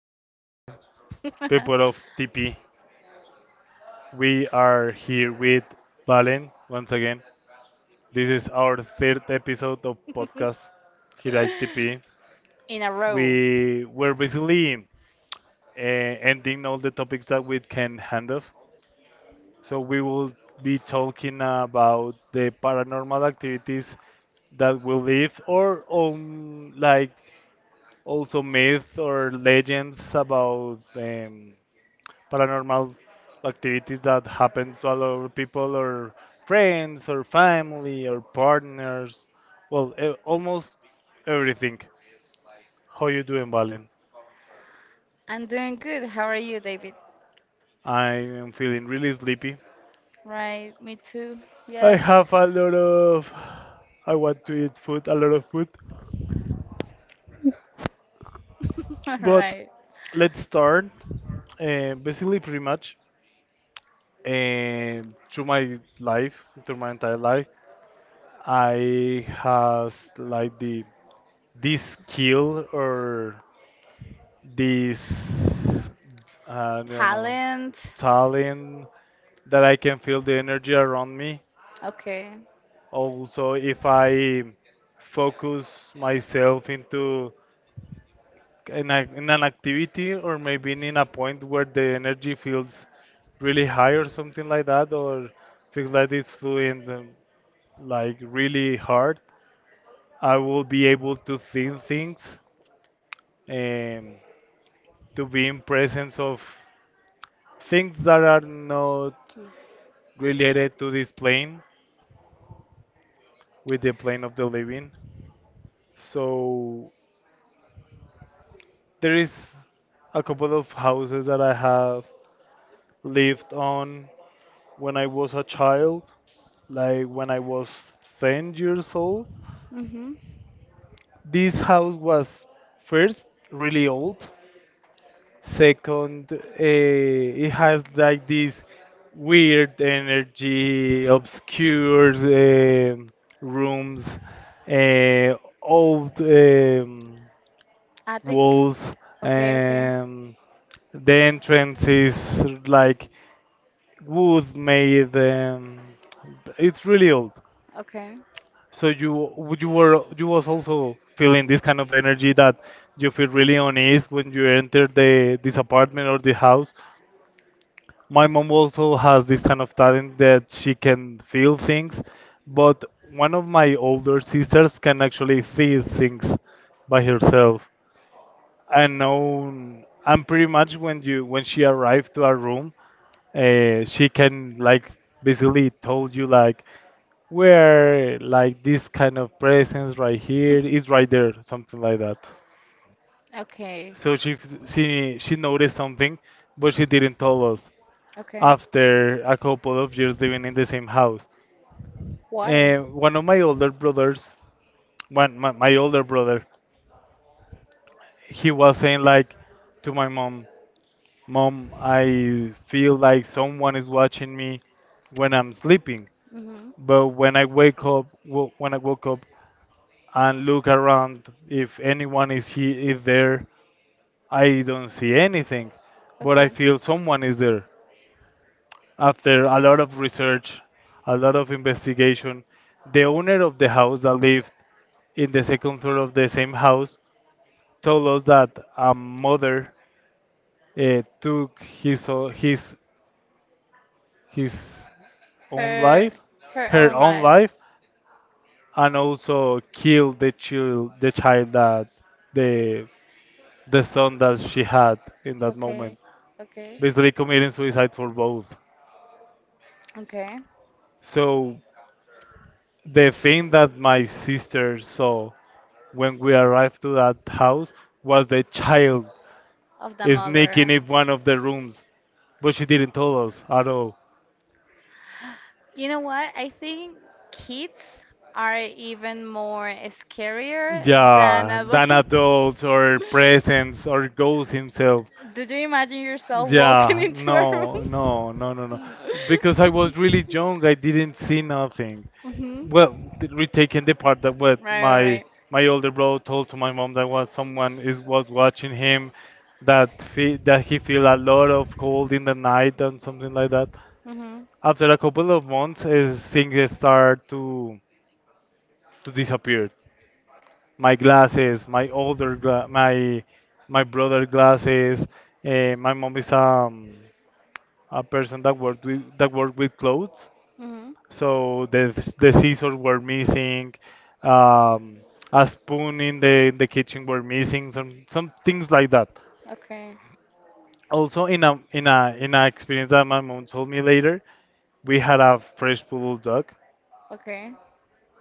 are around the world, you? people of TP. We are here with Valen once again. This is our third episode of podcast here at TP. In a row. We were basically ending all the topics that we can handle. So we will be talking about the paranormal activities that we live or like also myths or legends about paranormal activities that happen to a lot of people or friends or family or partners. Well, almost everything. How you doing, Valen? I'm doing good. How are you, David? I am feeling really sleepy. Right, me too. I Yes. have a lot of. I want to eat food, a lot of food. All But right. let's start. Basically, pretty much uh, through my life, through my entire life, I has like the this skill or this, I don't know, Talent. talent that I can feel the energy around me. Okay. Also, if I focus myself in an activity or maybe in a point where the energy feels really high or something like that, or feels like it's flowing like really hard, I will be able to think things and to be in presence of things that are not related to this plane with the plane of the living. So there is a couple of houses that I have lived on when I was a child, like when I was 10 years old. Mm-hmm. This house was first really old. Second, it has like this weird energy, obscure rooms, uh, old Attic. walls, Okay, okay. and the entrance is like wood made, it's really old. Okay. So you were you was also feeling this kind of energy, that you feel really uneasy when you enter the this apartment or the house. My mom also has this kind of talent that she can feel things, but one of my older sisters can actually see things by herself. And now, and pretty much when she arrived to our room, she can like basically told you like where, like this kind of presence right here, is right there, something like that. Okay. So she noticed something, but she didn't tell us Okay. after a couple of years living in the same house. Why? And one of my older brothers, my older brother, he was saying like to my mom, Mom, I feel like someone is watching me when I'm sleeping. Mm-hmm. But when I wake up, when I woke up and look around, if anyone is he is there, I don't see anything. But I Okay. feel someone is there. After a lot of research, a lot of investigation, the owner of the house that lived in the second floor of the same house told us that a mother took his o- his his own Her life, her her own own life. life, and also kill the child that the the son that she had in that moment, Okay. Okay. basically committing suicide for both. Okay. So the thing that my sister saw when we arrived to that house was the child Of the mother. sneaking in one of the rooms, but she didn't tell us at all. You know what? I think kids are even more scarier than Yeah, than adults. adults or presents or ghosts himself. Did you imagine yourself walking Yeah, into a no, room? no, no, no, no. Because I was really young, I didn't see nothing. Hmm. Well, retaking the part that what Right, right, my right. my older brother told to my mom, that was someone is was watching him, that fe that he feel a lot of cold in the night and something like that. Mm-hmm. After a couple of months, his things start to disappear. My glasses, my my brother glasses. My mom is a person that worked with, that worked with clothes, Mm-hmm. so the scissors were missing, um, a spoon in the, in the kitchen were missing, some things like that. Okay. Also, in a experience that my mom told me later, we had a fresh poodle dog, Okay.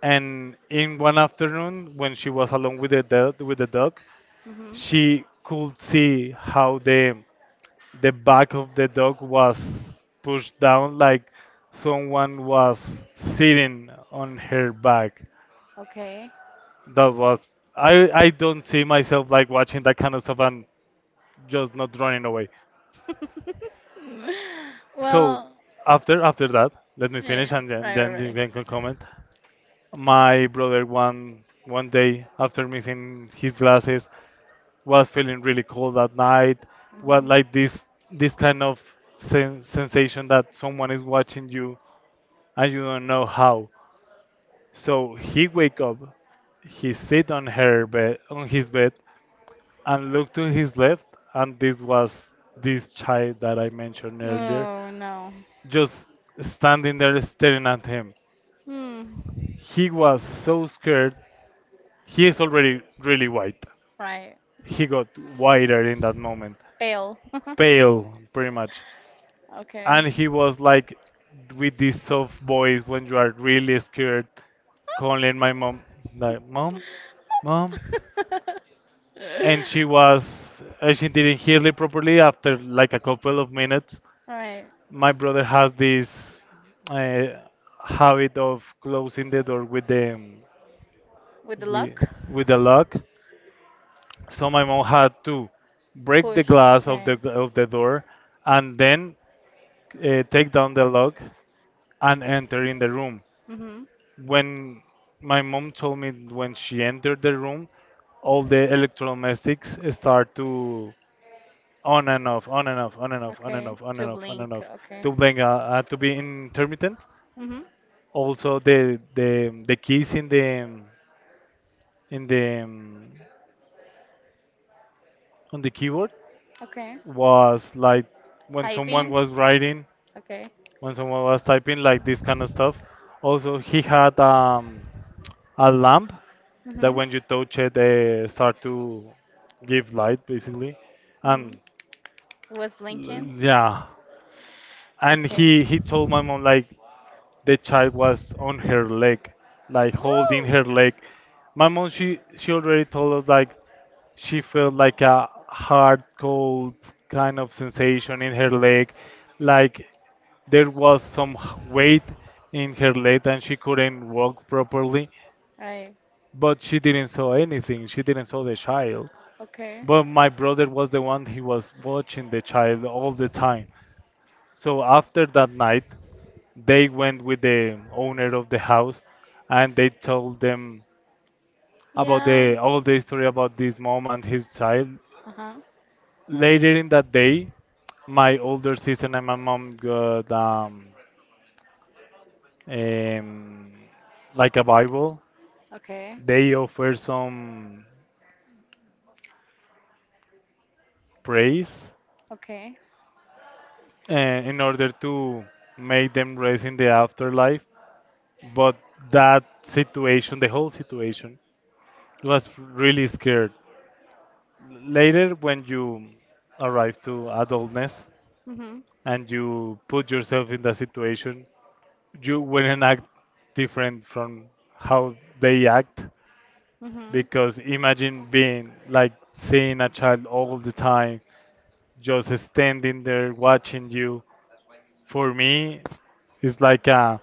and in one afternoon when she was alone with the dog, Mm-hmm. she could see how the back of the dog was pushed down like someone was sitting on her back. Okay. That was, I don't see myself like watching that kind of stuff and just not running away. So Well, after that, let me yeah, finish yeah, and then right, then right, you right. can comment. My brother one day after missing his glasses was feeling really cold that night, what, Mhm. like this kind of sensation that someone is watching you and you don't know how. So he wake up, he sit on his bed and look to his left, and this was this child that I mentioned earlier, Oh no. just standing there staring at him. Hmm. He was so scared, he is already really white, Right. he got whiter in that moment, Fail. pale pretty much. Okay. And he was like, with this soft voice when you are really scared, calling my mom, like, mom, mom. And she was, she didn't hear it properly. After like a couple of minutes, Right. my brother has this uh, habit of closing the door with the, With the with, luck. with the lock, so my mom had to break the Push. glass of the, Okay. of the door, and then take down the lock and enter in the room. Mhm. When my mom told me, when she entered the room, all the electrodomestics start to on and off, on and off, on and off, on and Okay. off, on To and off, on and blink. off, Okay. to being to be intermittent. Mhm. Also, the keys in the, in the, on the keyboard Okay. was like when someone was Typing. writing, Okay. when someone was typing, like this kind of stuff. Also, he had a lamp that Mhm. when you touch it, they start to give light basically. Mhm. And, It was blinking. yeah, and Okay. he told my mom like the child was on her leg, like holding Woo! her leg. My mom, she already told us like she felt like a hard cold kind of sensation in her leg, like there was some weight in her leg and she couldn't walk properly. Right. But she didn't saw anything. She didn't saw the child. Okay. But my brother was the one, he was watching the child all the time. So after that night, they went with the owner of the house, and they told them about Yeah. the all the story about this mom and his child. Uh huh. Later in that day, my older sister and my mom got um like a Bible. Okay. They offer some praise Okay. In order to make them raise in the afterlife. But that situation, the whole situation, was really scared. Later, when you arrive to adultness Mhm. and you put yourself in that situation, you wouldn't act different from how they act, Mhm. because imagine being like seeing a child all the time just standing there watching you. For me it's like a,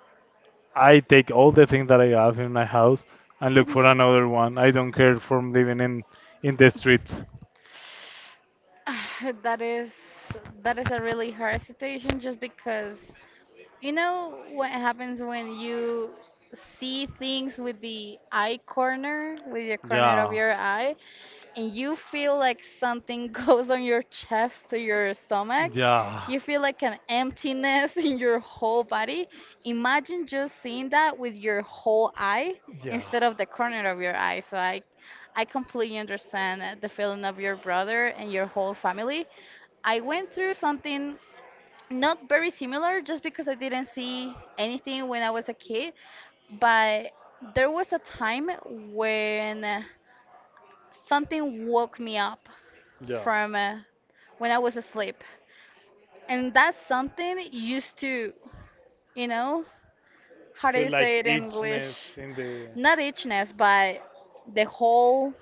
I take all the things that I have in my house and look for another one. I don't care from living in the streets. that is that is a really hard situation just because you know what happens when you see things with the eye corner, with the corner of Yeah, your eye, and you feel like something goes on your chest to your stomach? yeah, You feel like an emptiness in your whole body. Imagine just seeing that with your whole eye yeah. instead of the corner of your eye. So I completely understand the feeling of your brother and your whole family. I went through something not very similar just because I didn't see anything when I was a kid, but there was a time when something woke me up Yeah. from when I was asleep. And that something used to, you know, how do Feel you say like it in English? itchness in the, Not itchiness, but the whole,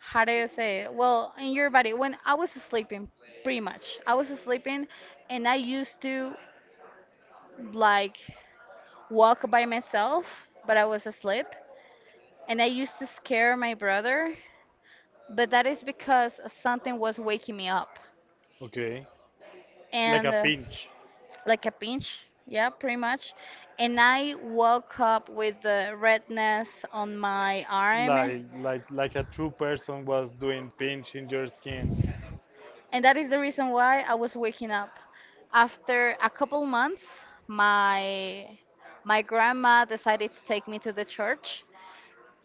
how do you say it? Well, in your body, when I was sleeping, pretty much, I was sleeping and I used to like walk by myself, but I was asleep. And I used to scare my brother, but that is because something was waking me up. okay. Like And a pinch. like a pinch, yeah, pretty much. And I woke up with the redness on my arm. Like a true person was doing pinch in your skin. And that is the reason why I was waking up. After a couple months, my my grandma decided to take me to the church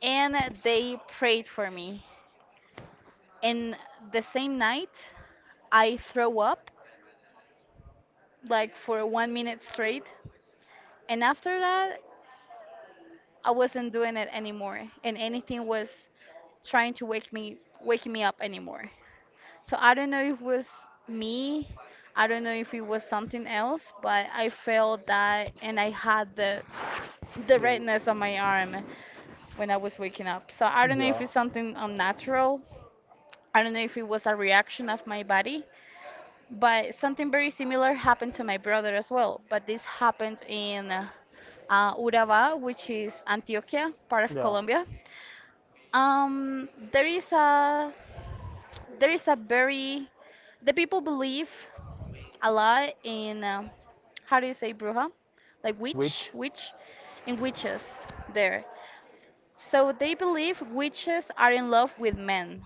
and they prayed for me. And the same night, I throw up like for 1 minute straight. And after that, I wasn't doing it anymore, and anything was trying to wake me waking me up anymore. So I don't know if it was me, I don't know if it was something else, but I felt that and I had the They- redness on my arm when I was waking up. So I don't know if yeah. it's something unnatural. I don't know if it was a reaction of my body. But something very similar happened to my brother as well. But this happened in Urabá, which is Antioquia, part of Yeah. Colombia. Um, there is a there is a very the people believe a lot in how do you say bruja, like Which? witch, witch, and witches there. So they believe witches are in love with men.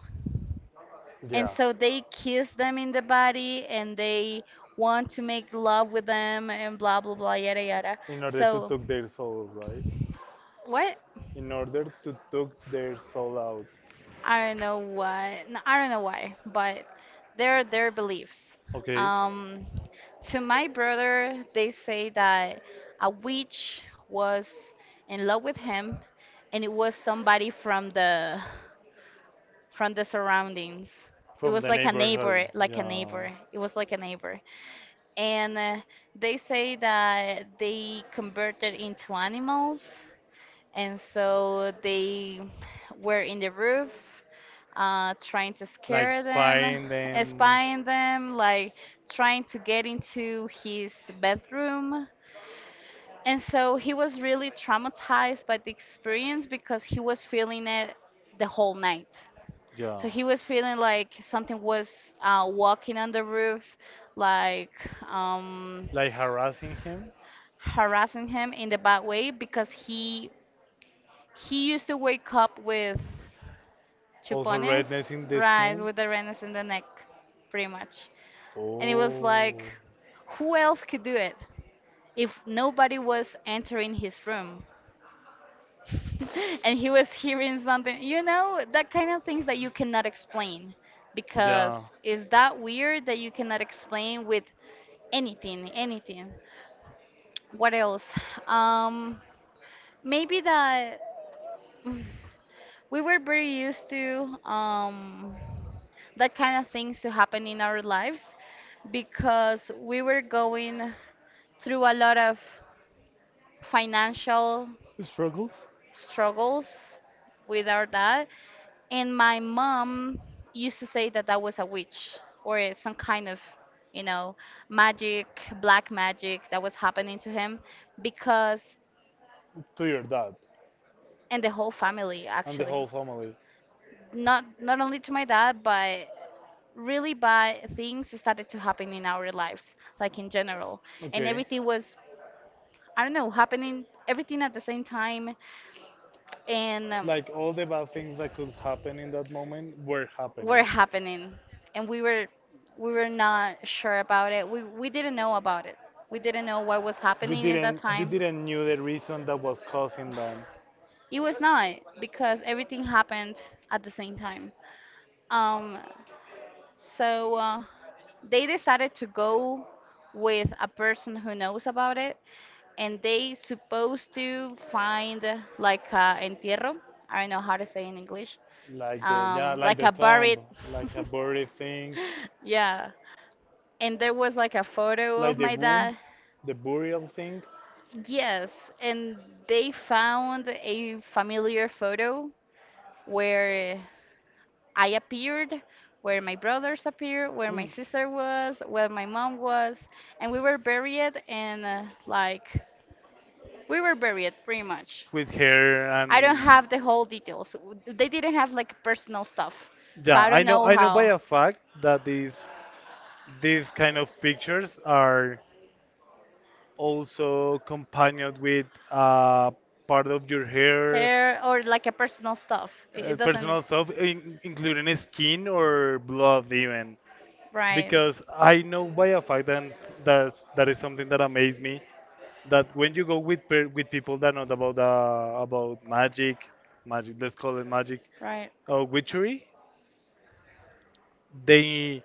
And Yeah. so they kiss them in the body and they want to make love with them and blah blah blah yada yada. In order to So take their soul, right? what? In order to take their soul out. I don't know why. No, I don't know why, but they're their beliefs. Okay, Um, to my brother, they say that a witch was in love with him, and it was somebody from the surroundings. It from was the like a neighborhood. neighbor, like a Yeah, neighbor. It was like a neighbor. And they say that they converted into animals and so they were in the roof trying to like scare them spying them. spying them like trying to get into his bedroom, and so he was really traumatized by the experience because he was feeling it the whole night. Yeah, So he was feeling like something was walking on the roof, like um, like harassing him. harassing him in the bad way because he used to wake up with Also chupones, redness in the right, skin. with the renes in the neck, pretty much. And it was Oh. like, who else could do it if nobody was entering his room? And he was hearing something, that kind of things that you cannot explain Yeah. because is that weird that you cannot explain with anything, anything. What else? Um, maybe that mm, we were very used to that kind of things to happen in our lives because we were going through a lot of financial Struggles, struggles with our dad. And my mom used to say that I was a witch or some kind of, you know, magic, black magic that was happening to him because, to your dad and the whole family and the actually. whole family. Not only to my dad, but really bad things started to happen in our lives, like in general. And Okay. everything was, I don't know, happening everything at the same time. And Like all the bad things that could happen in that moment were were happening. happening. And we were not sure about it. We didn't know about it. We didn't know what was You happening at that didn't, you time. didn't knew the reason that was causing them, It was not because everything happened at the same time. Um so uh, they decided to go with a person who knows about it, and they supposed to find like a entierro. I don't know how to say in English. like the, yeah, Um, like like the a tomb, buried. like a buried thing, Yeah, and there was like a photo of like the my womb, dad. the burial thing. Yes, and they found a familiar photo where I appeared, where my brothers appeared, where my Eesh. sister was, where my mom was, and we were buried in like We were buried pretty much. With her I don't and have the whole details. They didn't have like personal stuff, so yeah, I I don't know, know I know by how. a fact that these kind of pictures are also companioned with uh, part of your hair, Hair or like a personal stuff. It, it personal doesn't. stuff, in, including skin or blood even. Right. Because I know by a fact, and that that's, that is something that amazed me, that when you go with with people that know about magic, magic, let's call it magic, Right. Witchery, they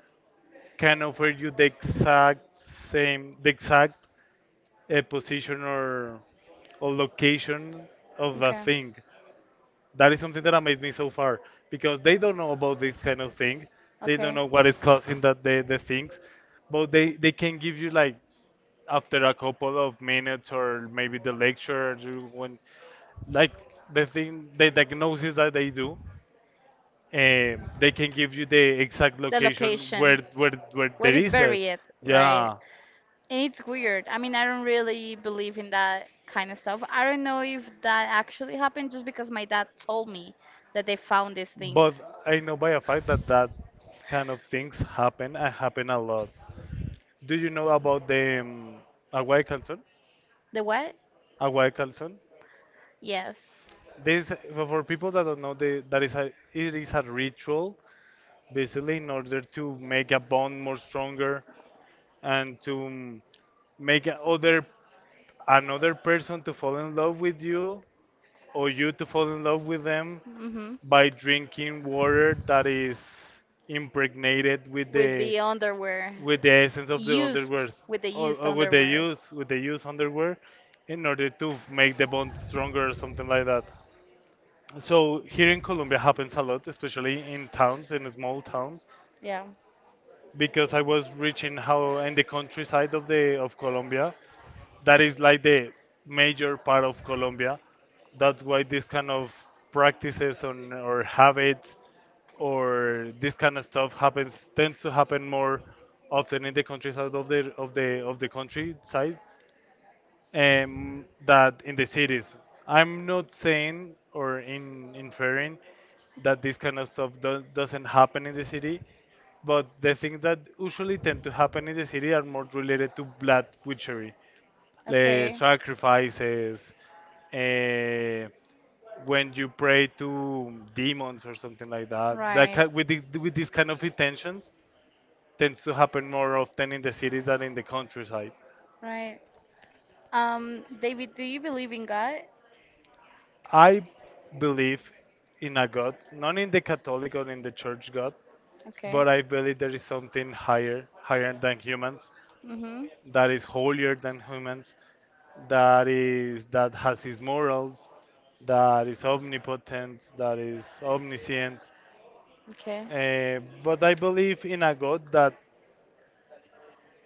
can offer you the exact position or Location location of of the Okay. A thing. thing. That is something that amazed me It's so so far, hard because because they they don't don't know know about about this this kind kind of of thing. thing. They don't Okay. They know don't know what what it is causing that the is, things, so but they they can can give give you you like like, after a couple of minutes or maybe the lecture you- when like the thing, the diagnosis that they do, they they can give you the exact The location where location. where where where, where, where where there is is it. buried, right? Yeah. And it's weird. I mean, I don't really believe in that kind of stuff. I don't know if that actually happened just because my dad told me that they found these things. But I know by a fact that that kind of things happen, and happen a lot. Do you know about the Aguay Calzón? The what? Aguay Calzón. Yes. This, for people that don't know, the, that is a, it is a ritual basically in order to make a bond more stronger and to make a other another person to fall in love with you or you to fall in love with them Hmm. by drinking water that is impregnated With the underwear. with the essence of the Used. underwear With the used or underwear. With the use underwear in order to make the bond stronger or something like that. So here in Colombia happens a lot, especially in towns, in small towns, Yeah. because I was reaching how in the countryside of Colombia, that is like the major part of Colombia. That's why this kind of practices on or habits or this kind of stuff happens tends to happen more often in the countryside of the countryside, that in the cities. I'm not saying or in inferring that this kind of stuff doesn't happen in the city, but the things that usually tend to happen in the city are more related to blood witchery, the Okay. sacrifices, eh, when you pray to demons or something like that. That Right. ki with the, with these kind of intentions tends to happen more often in the cities than in the countryside. Right. David, do you believe in God? I believe in a God, not in the Catholic or in the Church God, Okay. but I believe there is something higher, higher than humans, Mm-hmm. that is holier than humans, that has his morals, that is omnipotent, that is omniscient. Okay. But I believe in a God that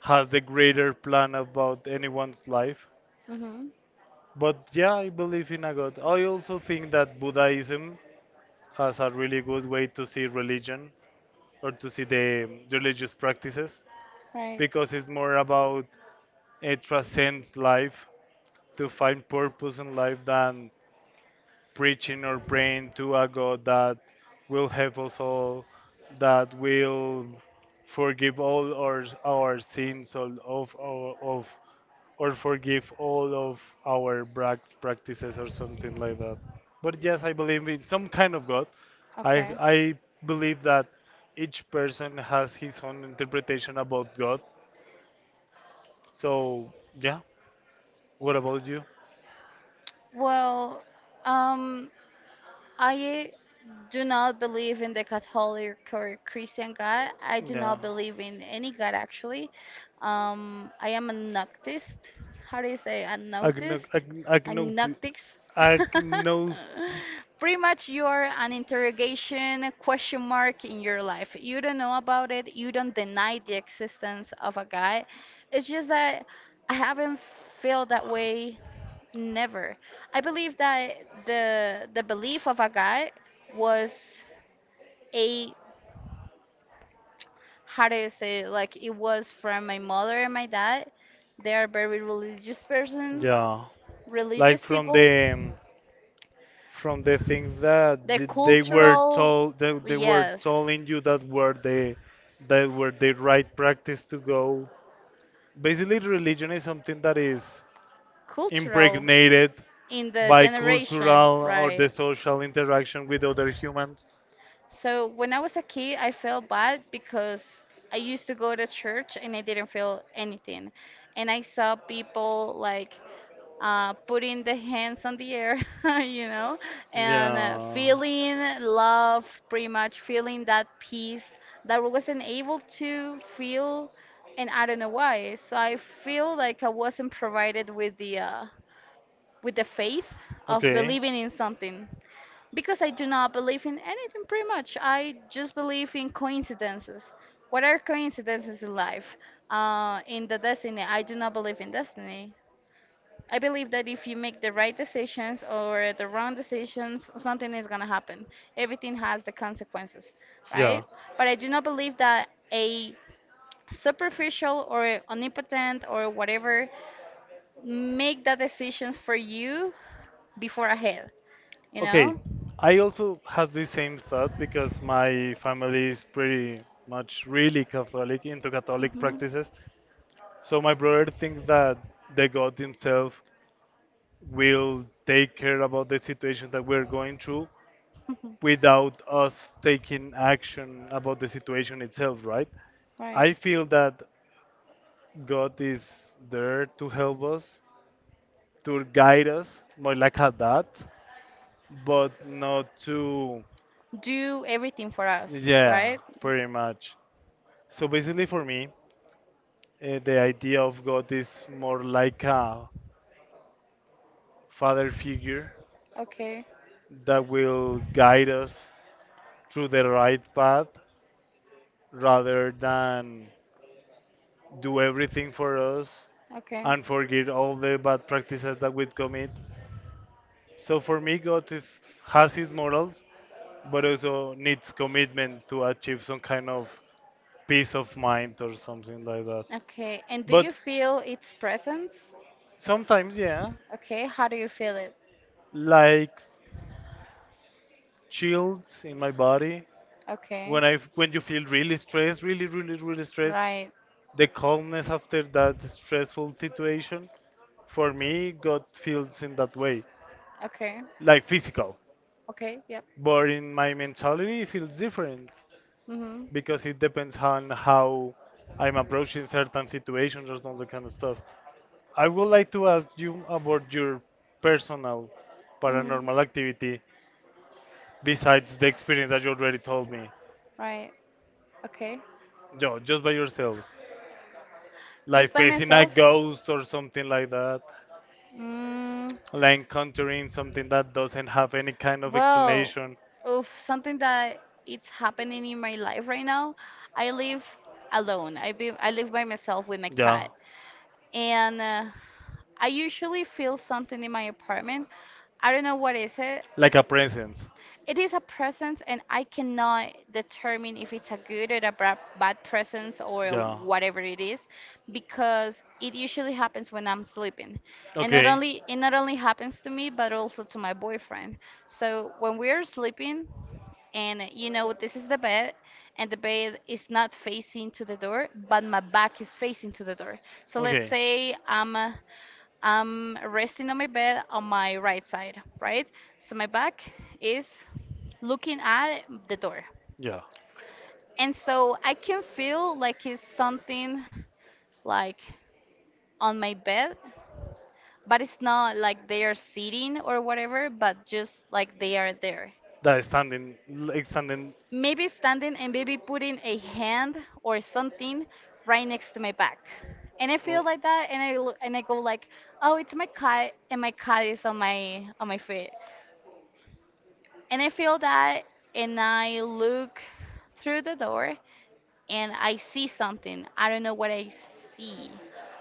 has the greater plan about anyone's life. Mm-hmm. But yeah, I believe in a God. I also think that Buddhism has a really good way to see religion or to see the religious practices Right. because it's more about it transcends life to find purpose in life than preaching or praying to a God that will help us all, that will forgive all our sins, all of our, of, or forgive all of our brac practices or something like that. But yes, I believe in some kind of God. I, Okay. I believe that each person has his own interpretation about God. So, yeah, what about you? Well, um, I do not believe in the Catholic or Christian God. I do Yeah. not believe in any God actually. I am an atheist. How do you say? An Agno- atheist. ag- agnoti- Agnostics. agnos. Pretty much you are an interrogation question mark in your life. You don't know about it. You don't deny the existence of a God. It's just that I haven't felt that way never. I believe that the belief of a God was a how do you say it? Like it was from my mother and my dad. They are very religious person, Yeah, like religious people. From the things that The they were cultural, told, they were yes, telling you that were the right practice to go. Basically, religion is something that is cultural impregnated in the by generation, cultural or the right? social interaction with other humans. So when I was a kid, I felt bad because I used to go to church and I didn't feel anything. And I saw people like putting the hands on the air, you know, and Yeah, feeling love, pretty much feeling that peace that I wasn't able to feel, and I don't know why. So I feel like I wasn't provided with the faith of okay. believing in something because I do not believe in anything pretty much. I just believe in coincidences. What are coincidences in life? In the destiny, I do not believe in destiny. I believe that if you make the right decisions or the wrong decisions, something is going to happen. Everything has the consequences, Yeah. right? But I do not believe that a superficial or omnipotent or whatever make the decisions for you before ahead, you Okay. know? I also has the same thought because my family is pretty much really Catholic into Catholic Mhm. practices. So my brother thinks that the God himself will take care about the situation that we're going through without us taking action about the situation itself, right? I Right. feel that God is there to help us, to guide us, more like a dad, but not too. Do everything for us, Yeah, right? pretty much. So basically, for me, the idea of God is more like a father figure Okay. that will guide us through the right path rather than do everything for us Okay. and forget all the bad practices that we commit. So for me, God is, has his morals, but also needs commitment to achieve some kind of peace of mind or something like that. Okay. And do you But feel its presence? sometimes, yeah, Okay. How do you feel it? like chills in my body. Okay. When you feel really stressed, really, really, really stressed, Right. the calmness after that stressful situation, for me, God feels in that way, Okay. like physical. Okay. Yep. But in my mentality, it feels different Mm-hmm. because it depends on how I'm approaching certain situations or some that kind of stuff. I would like to ask you about your personal paranormal Mm-hmm. activity besides the experience that you already told me. Right. Okay. Yo, just by yourself. Just Like by facing a myself? ghost or something like that. Mm, Like encountering something that doesn't have any kind of Well, explanation. oof, something that it's happening in my life right now. I live alone. I live by myself with my Yeah. cat, and I usually feel something in my apartment. I don't know what is it. Like a presence. It is a presence, and I cannot determine if it's a good or a bad presence or Yeah. whatever it is, because it usually happens when I'm sleeping, and Okay. Not only happens to me, but also to my boyfriend. So when we are sleeping, and you know this is the bed, and the bed is not facing to the door, but my back is facing to the door. So let's say I'm resting on my bed on my right side, right? So my back is looking at the door. Yeah. And so I can feel like it's something like on my bed, but it's not like they are sitting or whatever, but just like they are there. That is standing. Maybe standing and maybe putting a hand or something right next to my back. And I feel like that and and I go like, "Oh, it's my cat and my cat is on my feet." And I feel that, and I look through the door and I see something. I don't know what I see.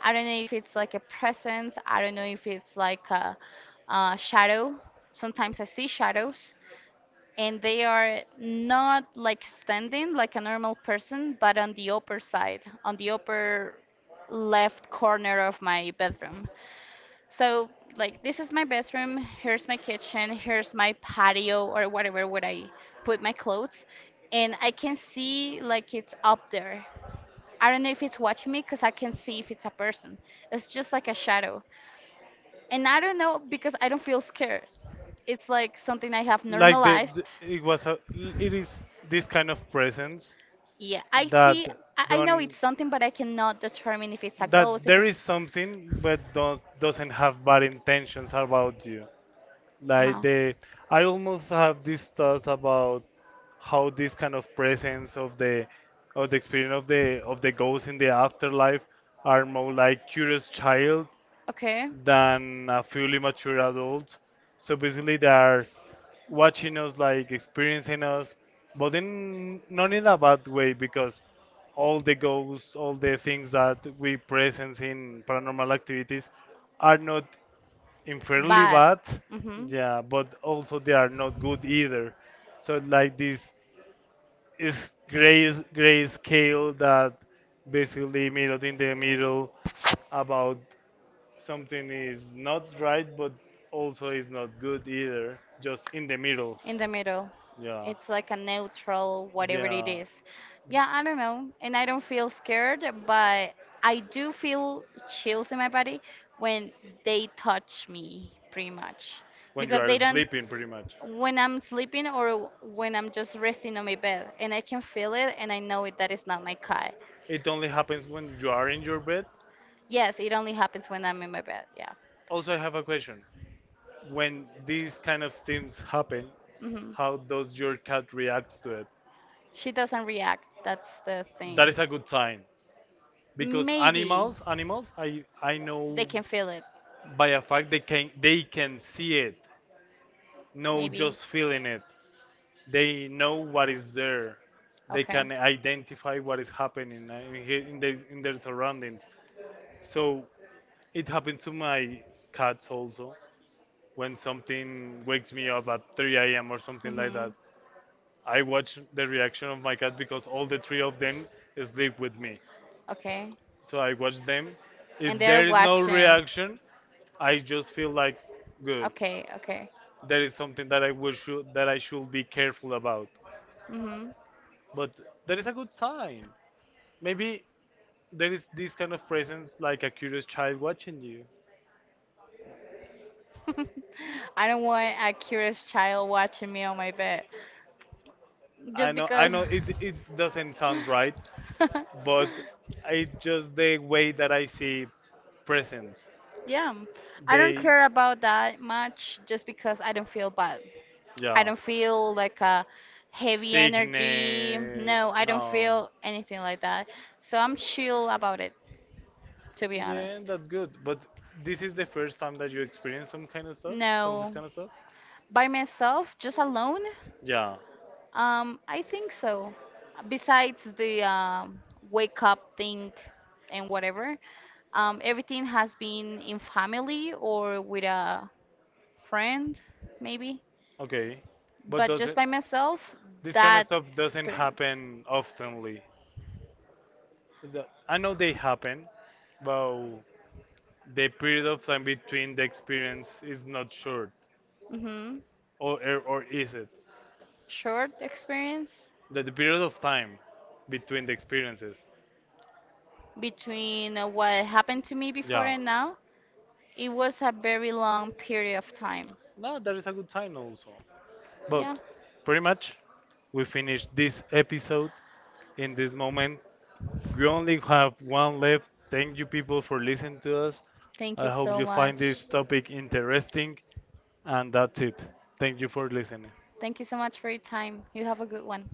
I don't know if it's like a presence. I don't know if it's like a shadow. Sometimes I see shadows, and they are not like standing like a normal person, but on the upper side, on the upper left corner of my bedroom. So, like, this is my bathroom, here's my kitchen, here's my patio or whatever would I put my clothes, and I can see like it's up there. I don't know if it's watching me because I can see if it's a person. It's just like a shadow. And I don't know because I don't feel scared. It's like something I have Like normalized. the it was a it is this kind of presence Yeah, I that see, I know it's don't something, but I cannot determine if it's a that ghost, if there it's. is something but don't, doesn't have bad intentions about you, like Uh-huh. the I almost have these thoughts about how this kind of presence of the experience of the ghosts in the afterlife are more like curious child Okay. than a fully mature adult. So basically, they are watching us, like experiencing us, but in not in a bad way because all the ghosts, all the things that we presence in paranormal activities are not infairly Bad. bad, Mhm. yeah, but also they are not good either. So like this is gray scale that basically mirrored in the middle about something is not right, but also is not good either. Just in the middle. In the middle. Yeah. Yeah. It's like a neutral, whatever it Yeah. is. Yeah, I don't know. And I don't feel scared, but I do feel chills in my body when they touch me, pretty much. When you Because are they don't, sleeping, pretty much. when I'm sleeping or when I'm just resting on my bed, and I can feel it and I know it, that is not my cat. It only happens when you are in your bed. Yes, it only happens when I'm in my bed. Yeah. Also, I have a question. When these kind of things happen, Hmm. how does your cat react to it? She doesn't react. That's the thing. That is a good sign because Maybe animals, I know they can feel it. by a fact they can see it, no Maybe. just feeling it. They know what is there, they Okay. can identify what is happening, in their surroundings. So it happens to my cats also when something wakes me up at 3 a.m or something like Hmm. that. I watch the reaction of my cat because all the three of them sleep with me, Okay. so I watch them. And If they're there is no watching. reaction, I just feel like good, Okay. Okay. there is something that I wish that I should be careful about, Hmm. but there is a good sign, maybe there is this kind of presence like a curious child watching you. I don't want a curious child watching me on my bed I just know, I because. know it doesn't sound right, but it's just the way that I see presence. Yeah, I don't They. care about that much just because I don't feel bad. I Yeah. don't feel like a heavy energy. Sickness. No, I No. don't feel anything like that. So I'm chill about it, to be Yeah, honest. that's good, but this is the first time that you experience some kind of stuff, some this No, kind of stuff. by myself, just alone. Yeah. I think so. Besides the wake up thing and whatever, everything has been in family or with a friend, maybe. Okay, but But does just it. by myself, This kind of that stuff doesn't experience. happen oftenly. I know they happen, but the period of time between the experience is not short, Mm-hmm. Or is it? Short experience The period of time between the experiences. between what happened to me before Yeah. and now. It was a very long period of time. No, that is a good sign also. Yeah. But pretty much, we finished this episode. In this moment, we only have one left. Thank you, people, for listening to us. Thank I you hope so you find this much. topic interesting. And that's it. Thank you for listening. Thank you so much for your time. You have a good one.